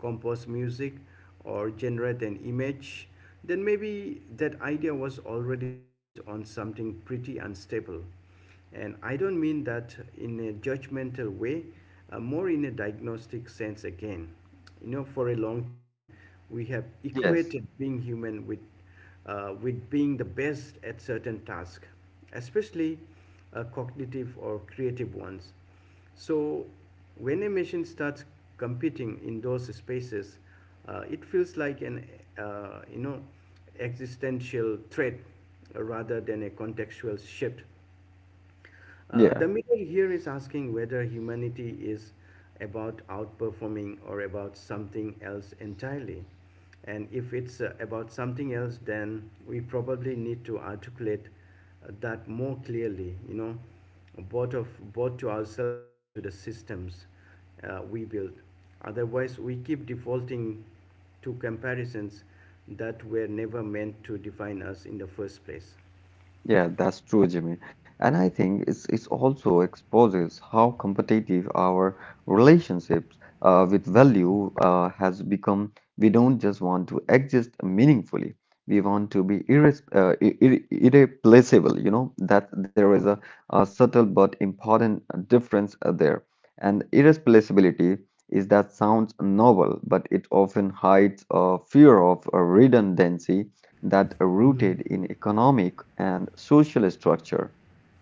S1: compose music, or generate an image, then maybe that idea was already built on something pretty unstable. And I don't mean that in a judgmental way, more in a diagnostic sense again. You know, for a long time, we have
S2: Yes.
S1: equated being human with being the best at certain tasks, especially cognitive or creative ones. So, when a machine starts competing in those spaces, it feels like an uh, you know existential threat rather than a contextual shift. The
S2: Yeah.
S1: mirror here is asking whether humanity is about outperforming or about something else entirely. And if it's about something else, then we probably need to articulate that more clearly, you know, both, of, both to ourselves and to the systems we build. Otherwise, we keep defaulting to comparisons that were never meant to define us in the first place.
S2: Yeah, that's true, Jimmy. And I think it's also exposes how competitive our relationships with value has become. We don't just want to exist meaningfully. We want to be irreplaceable, you know, that there is a subtle but important difference there. And irreplaceability is that sounds noble, but it often hides a fear of redundancy that are
S1: Mhm.
S2: rooted in economic and social structure,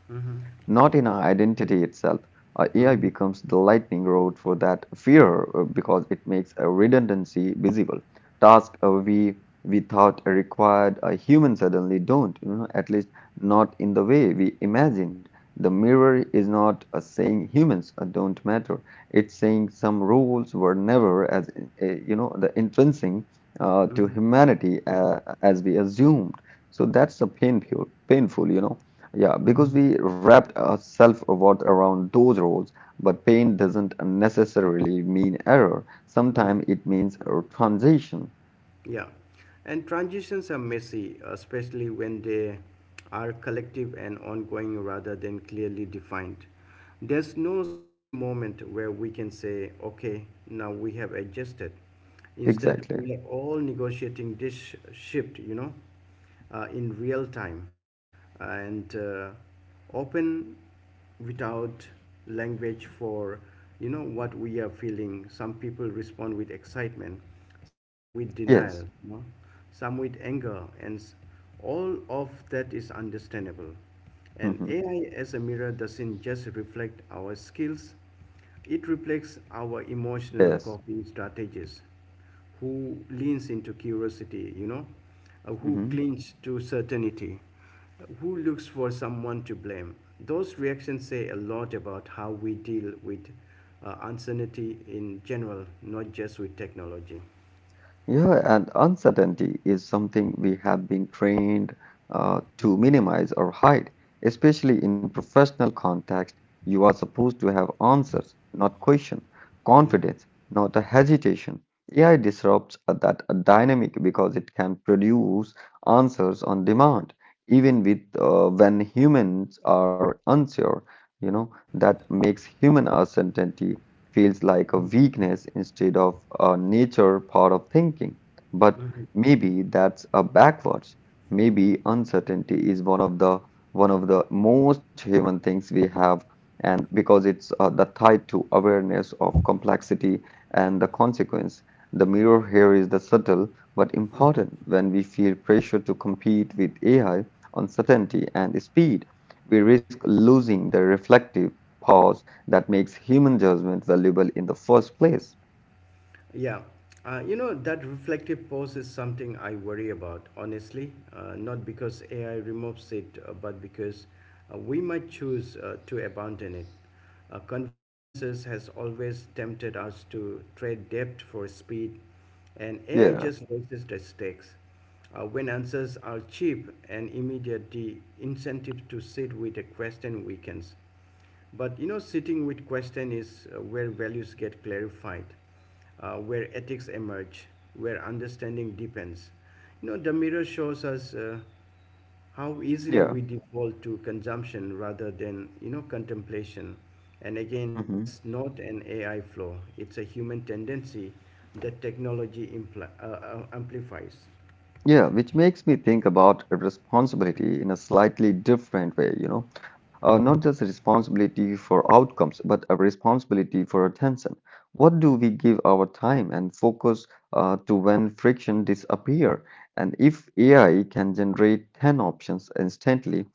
S2: not in
S1: Mhm.
S2: our identity itself. AI becomes the
S1: Mhm.
S2: lightning rod for that fear because it makes a redundancy visible. Task we thought required a human suddenly don't, at least not in the way we imagined. The mirror is not saying humans don't matter. It's saying some rules were never as the intrinsic to
S1: Mhm.
S2: humanity as we assumed. So that's a painful, painful. Yeah, because
S1: Mhm.
S2: we wrapped our self-worth around those roles, but pain doesn't necessarily mean error.
S1: Mhm.
S2: Sometimes it means a transition.
S1: Yeah. And transitions are messy, especially when they are collective and ongoing rather than clearly defined. There's no single moment where we can say, okay, now we have adjusted. Instead,
S2: Exactly.
S1: we are all negotiating this shift, you know? In real time and open without language for you know what we are feeling some people respond with excitement some with denial
S2: Yes.
S1: you know, some with anger and all of that is understandable and
S2: Hmm.
S1: ai as a mirror doesn't just reflect our skills it reflects our emotional
S2: Yes.
S1: coping strategies who leans into curiosity, you know, who
S2: Mhm.
S1: clings to certainty, who looks for someone to blame. Those reactions say a lot about how we deal with uncertainty in general, not just with technology.
S2: Yeah, and uncertainty is something we have been trained to minimize or hide, especially in professional context. You are supposed to have answers, not question, confidence, not a hesitation. AI disrupts that dynamic because it can produce answers on demand, even with when humans are unsure. You know, that makes human uncertainty feels like a weakness instead of a nature part of thinking. But maybe that's a backwards. Maybe uncertainty is one of the most human things we have, and because it's the tied to awareness of complexity and the consequence. The mirror here is the subtle but important. When we feel pressure to compete with AI, uncertainty, and speed, we risk losing the reflective pause that makes human judgment valuable in the first place.
S1: Yeah. You know, that reflective pause is something I worry about, honestly. Not because AI removes it, but because we might choose to abandon it. Conveniences has always tempted us to trade depth for speed, and AI
S2: Yeah,
S1: just raises the stakes. When answers are cheap and immediate, the incentive to sit with a question weakens. But you know, sitting with question is where values get clarified where ethics emerge, where understanding deepens. You know, the mirror shows us how easily
S2: yeah.
S1: we default to consumption rather than, you know, contemplation. And again,
S2: Hmm.
S1: that's not an AI flaw, it's a human tendency that technology amplifies.
S2: Yeah, which makes me think about responsibility in a slightly different way, you know, not just a responsibility for outcomes, but a responsibility for attention. What do we give our time and focus to when friction disappear? And if AI can generate 10 options instantly,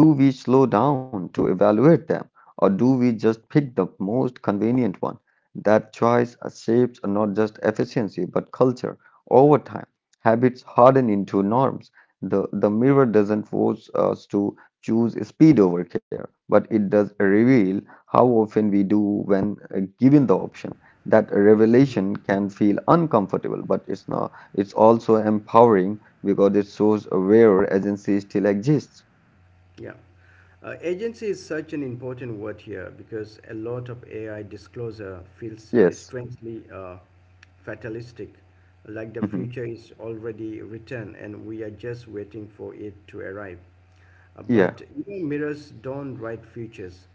S2: do we slow down to evaluate them, or do we just pick the most convenient one? That choice shapes not just efficiency, but culture over time. Habits harden into norms. The mirror doesn't force us to choose speed over care, but it does reveal how often we do when given the option. That revelation can feel uncomfortable, but it's not. It's also empowering because it shows where agency still exists.
S1: Yeah. Agency is such an important word here because a lot of AI disclosure feels
S2: Yes.
S1: strangely fatalistic, like the
S2: Mhm.
S1: future is already written and we are just waiting for it to arrive.
S2: Yeah.
S1: But even mirrors don't write futures,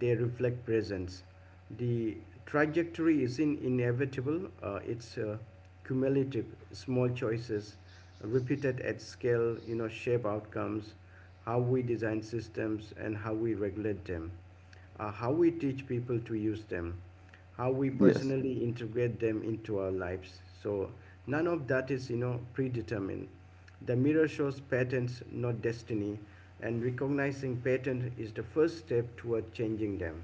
S1: they reflect presence. The trajectory isn't inevitable, it's cumulative. Small choices repeated at scale, you know, shape outcomes how we design systems and how we regulate them, how we teach people to use them, how we
S2: Yes.
S1: personally integrate them into our lives. So none of that is, you know, predetermined. The mirror shows patterns, not destiny, and recognizing patterns is the first step toward changing them.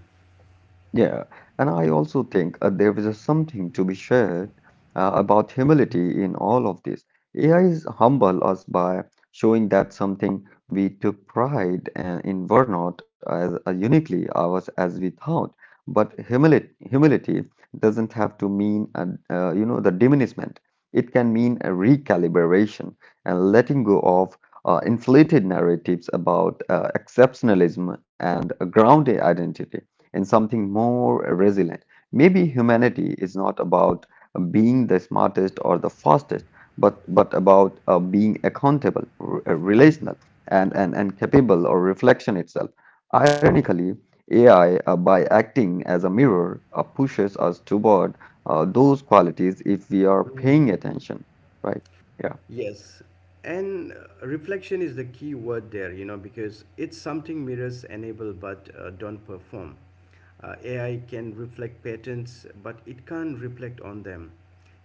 S2: Yeah, and I also think there is a something to be shared about humility in all of this. AI is humble us by showing that something we took pride in were not as uniquely ours as we thought. But humility, doesn't have to mean the diminishment. It can mean a recalibration and letting go of inflated narratives about exceptionalism and a grounded identity in something more resilient. Maybe humanity is not about being the smartest or the fastest, but about being accountable, relational, and, and capable or reflection itself. Ironically, AI, by acting as a mirror, pushes us toward those qualities if we are
S1: Mm.
S2: paying attention, right? Yeah.
S1: Yes, and reflection is the key word there, you know, because it's something mirrors enable but don't perform. AI can reflect patterns, but it can't reflect on them.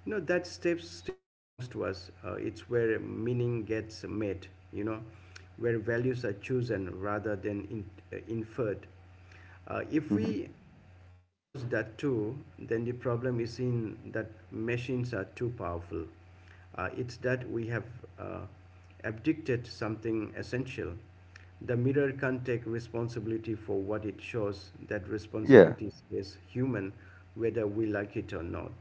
S1: You know, that step still belongs to us. It's where meaning gets made, you know, where values are chosen rather than inferred. If
S2: Hmm.
S1: we outsource that too, then the problem is in that machines are too powerful. It's that we have uh, abdicated something essential. The mirror can't take responsibility for what it shows. That
S2: Yeah.
S1: responsibility is human, whether we like it or not.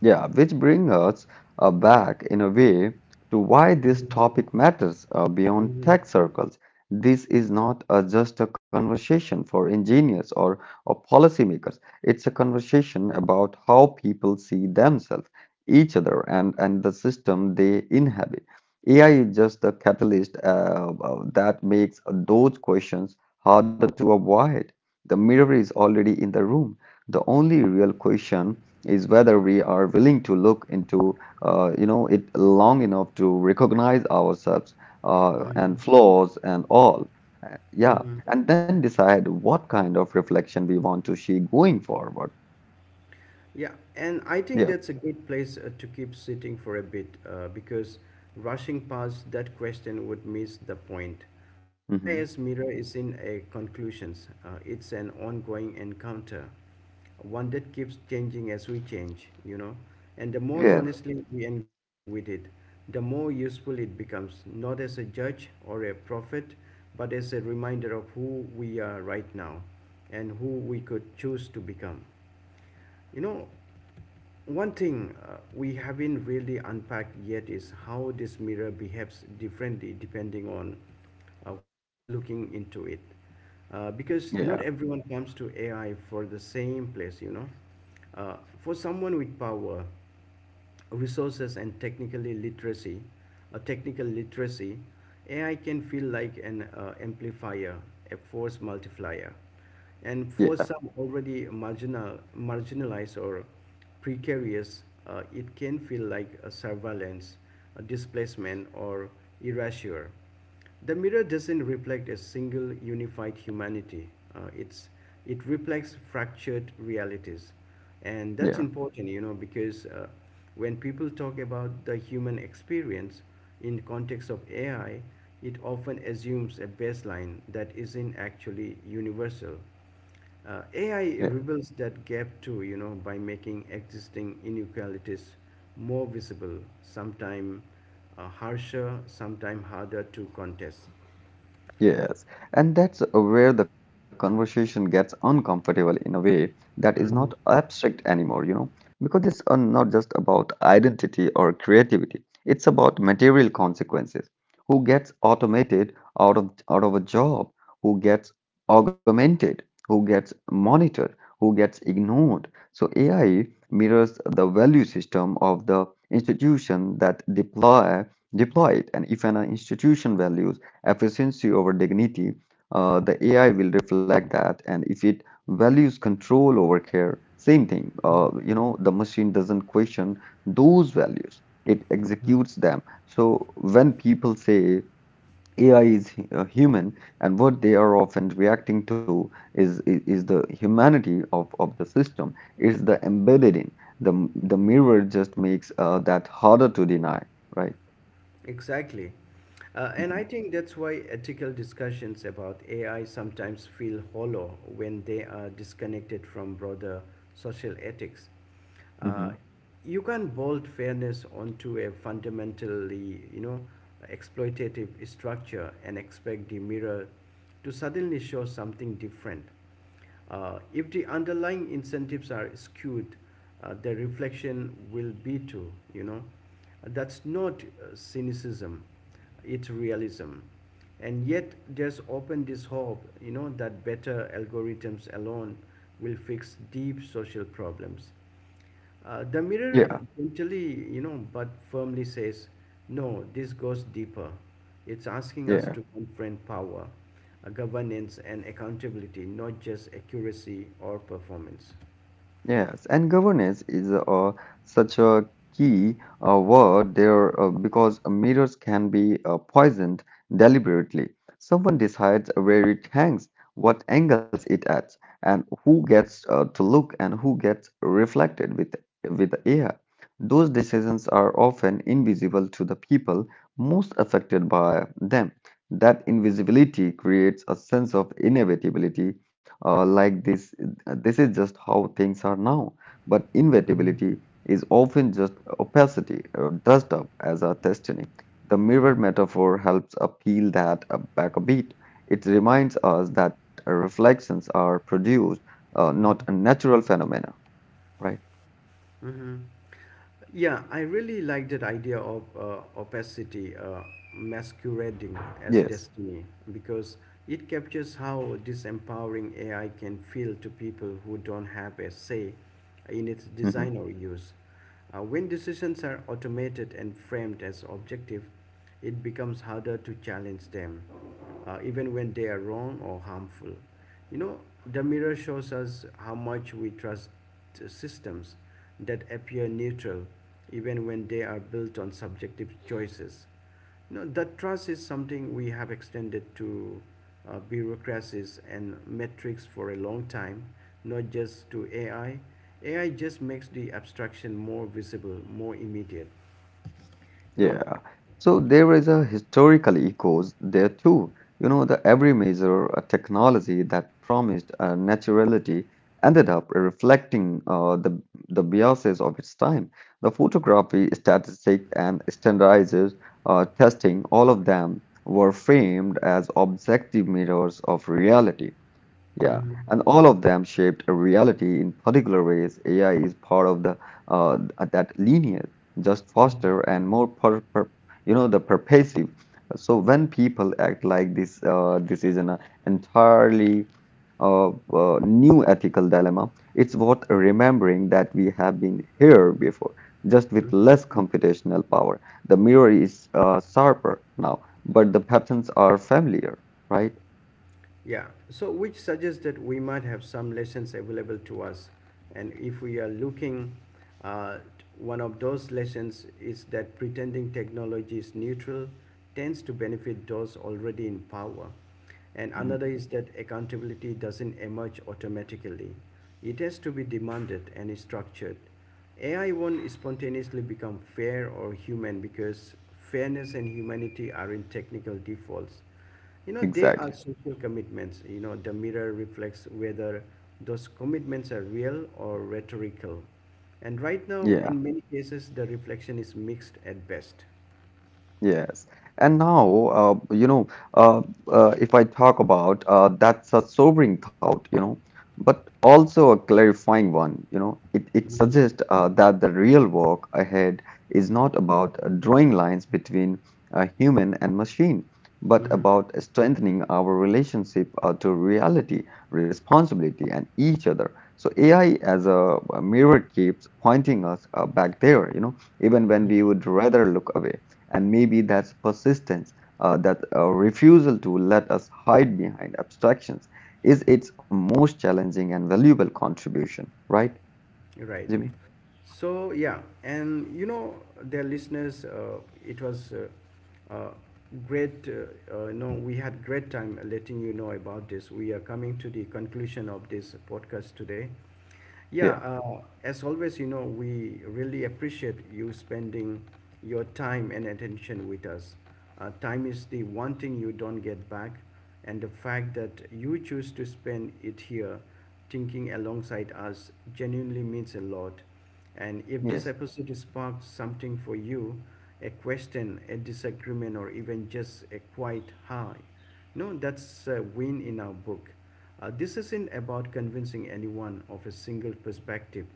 S2: Yeah, which brings us back in a way to why this
S1: Mm-hmm.
S2: topic matters beyond
S1: Mm-hmm.
S2: tech circles. This is not just a conversation for engineers or policymakers. It's a conversation about how people see themselves, each other, and the system they inhabit. AI is just the catalyst that makes those questions harder to avoid. The mirror is already in the room. The only real question is whether we are willing to look into it long enough to recognize ourselves and flaws and all. Uh, yeah,
S1: Mm-hmm.
S2: and then decide what kind of reflection we want to see going forward.
S1: Yeah, and I think
S2: Yeah.
S1: that's a good place to keep sitting for a bit because rushing past that question would miss the point.
S2: Hmm.
S1: AIS Mirror is in a conclusions. It's an ongoing encounter, one that keeps changing as we change, you know. And the more
S2: Yeah,
S1: honestly we engage with it, the more useful it becomes, not as a judge or a prophet, but as a reminder of who we are right now and who we could choose to become. You know, one thing we haven't really unpacked yet is how this mirror behaves differently depending on who's looking into it. Because
S2: yeah,
S1: not everyone comes to AI for the same place, you know. Uh, for someone with power, resources and technically literacy technical literacy ai can feel like an amplifier a force multiplier and
S2: yeah,
S1: for some already marginalized or precarious it can feel like a surveillance a displacement or erasure the mirror doesn't reflect a single unified humanity. It reflects fractured realities, and that's
S2: yeah,
S1: important, you know, because when people talk about the human experience in context of AI, it often assumes a baseline that isn't actually universal. AI
S2: yeah.
S1: rebuilds that gap too, you know, by making existing inequalities more visible, sometime harsher, sometime harder to contest.
S2: Yes, and that's where the conversation gets uncomfortable in a way that is not abstract anymore, you know, because it's not just about identity or creativity. It's about material consequences. Who gets automated out of a job? Who gets augmented? Who gets monitored? Who gets ignored? So AI mirrors the value system of the institution that deploy it, and if an institution values efficiency over dignity, the AI will reflect that. And if it values control over care, same thing. The machine doesn't question those values, it executes them. So when people say AI is human, and what they are often reacting to is the humanity of the system, is the embedded in. The mirror just makes that harder to deny, right?
S1: Exactly. And I
S2: Hmm.
S1: think that's why ethical discussions about AI sometimes feel hollow when they are disconnected from broader social ethics.
S2: Hmm.
S1: Uh, you can't bolt fairness onto a fundamentally, you know, exploitative structure and expect the mirror to suddenly show something different. If the underlying incentives are skewed, the reflection will be too, you know. That's not cynicism, it's realism. And yet, there's often this hope, you know, that better algorithms alone will fix deep social problems. The mirror
S2: Yeah,
S1: gently, you know, but firmly says, no, this goes deeper. It's asking us
S2: yeah.
S1: to confront power, governance, and accountability, not just accuracy or performance.
S2: Yes, and governance is such a key word there because mirrors can be poisoned deliberately. Someone decides where it hangs, what angles it at, and who gets to look and who gets reflected with the air. Those decisions are often invisible to the people most affected by them. That invisibility creates a sense of inevitability, like this. This is just how things are now. But
S1: Mhm.
S2: inevitability is often just opacity or dust up as a destiny. The mirror metaphor helps appeal that back a beat. It reminds us that reflections are produced, not a natural phenomena, right?
S1: Yeah, I really like that idea of opacity masquerading as
S2: Yes.
S1: destiny because it captures how disempowering AI can feel to people who don't have a say in its
S2: Mm-hmm.
S1: design or use. When decisions are automated and framed as objective, it becomes harder to challenge them, even when they are wrong or harmful. You know, the mirror shows us how much we trust systems that appear neutral, even when they are built on subjective choices. No, that trust is something we have extended to bureaucracies and metrics for a long time, not just to AI. AI just makes the abstraction more visible, more immediate. No.
S2: Yeah. So there is a historical echoes there too. You know, the every major technology that promised naturality ended up reflecting the biases of its time. The photography, statistic, and standardized testing, all of them were framed as objective mirrors of reality. Yeah,
S1: Mhm.
S2: and all of them shaped a reality in particular ways. AI is part of the uh, that lineage just faster and more per, per the pervasive. So when people act like this, this is an entirely new ethical dilemma. It's worth remembering that we have been here before, just with less computational power. The mirror is sharper now, but the patterns are familiar, right?
S1: Yeah, so which suggests that we might have some lessons available to us. And if we are looking, uh, one of those lessons is that pretending technology is neutral tends to benefit those already in power. And another
S2: Mhm.
S1: is that accountability doesn't emerge automatically, it has to be demanded and is structured. AI won't spontaneously become fair or human because fairness and humanity are in technical defaults. You know, they are
S2: Exactly.
S1: social commitments. You know, the mirror reflects whether those commitments are real or rhetorical. And right now,
S2: Yeah.
S1: in many cases, the reflection is mixed at best.
S2: Yes. And now, uh, if I talk about that's a sobering thought, you know, but also a clarifying one, you know, it
S1: Mhm.
S2: suggests that the real work ahead is not about drawing lines between human and machine, but
S1: Mhm.
S2: about strengthening our relationship to reality, responsibility, and each other. So AI as a mirror keeps pointing us back there, you know, even when we would rather look away. And maybe that's persistence, that refusal to let us hide behind abstractions is its most challenging and valuable contribution, right,
S1: Right.
S2: Jimmy?
S1: So yeah, and you know, dear listeners, it was great. No, we had great time letting you know about this. We are coming to the conclusion of this podcast today. Yeah,
S2: Yeah,
S1: as always, you know, we really appreciate you spending your time and attention with us. Time is the one thing you don't get back, and the fact that you choose to spend it here thinking alongside us genuinely means a lot. And if this
S2: yes,
S1: episode sparked something for you, a question, a disagreement, or even just a quiet hi, no, that's a win in our book. This isn't about convincing anyone of a single perspective.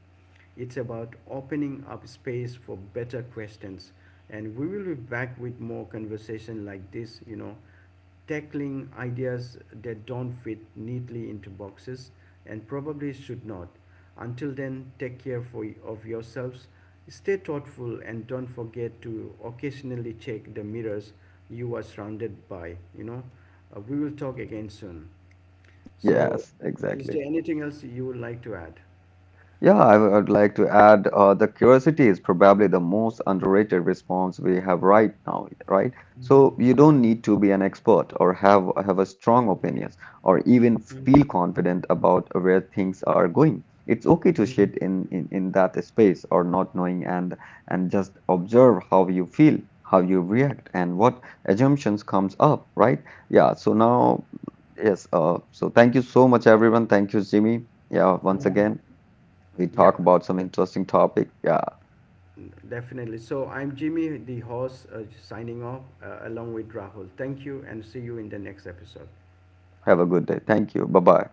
S1: It's about opening up space for better questions. And we will be back with more conversation like this, you know, tackling ideas that don't fit neatly into boxes and probably should not. Until then, take care of yourselves, stay thoughtful, and don't forget to occasionally check the mirrors you are surrounded by. You know, we will talk again soon.
S2: yes,
S1: So,
S2: exactly.
S1: is there anything else you would like to add?
S2: Yeah, I would like to add the curiosity is probably the most underrated response we have right now, right? So you don't need to be an expert or have a strong opinions or even feel
S1: Mhm.
S2: confident about where things are going. It's okay to
S1: Mhm.
S2: sit in that space or not knowing and just observe how you feel, how you react, and what assumptions comes up, right? Yeah, so now yes, so thank you so much everyone. Thank you, Jimmy. Yeah, once again. We
S1: Yeah.
S2: talk about some interesting topic. Yeah.
S1: Definitely. So I'm Jimmy, the host, signing off along with Rahul. Thank you and see you in the next episode.
S2: Have a good day. Thank you. Bye bye.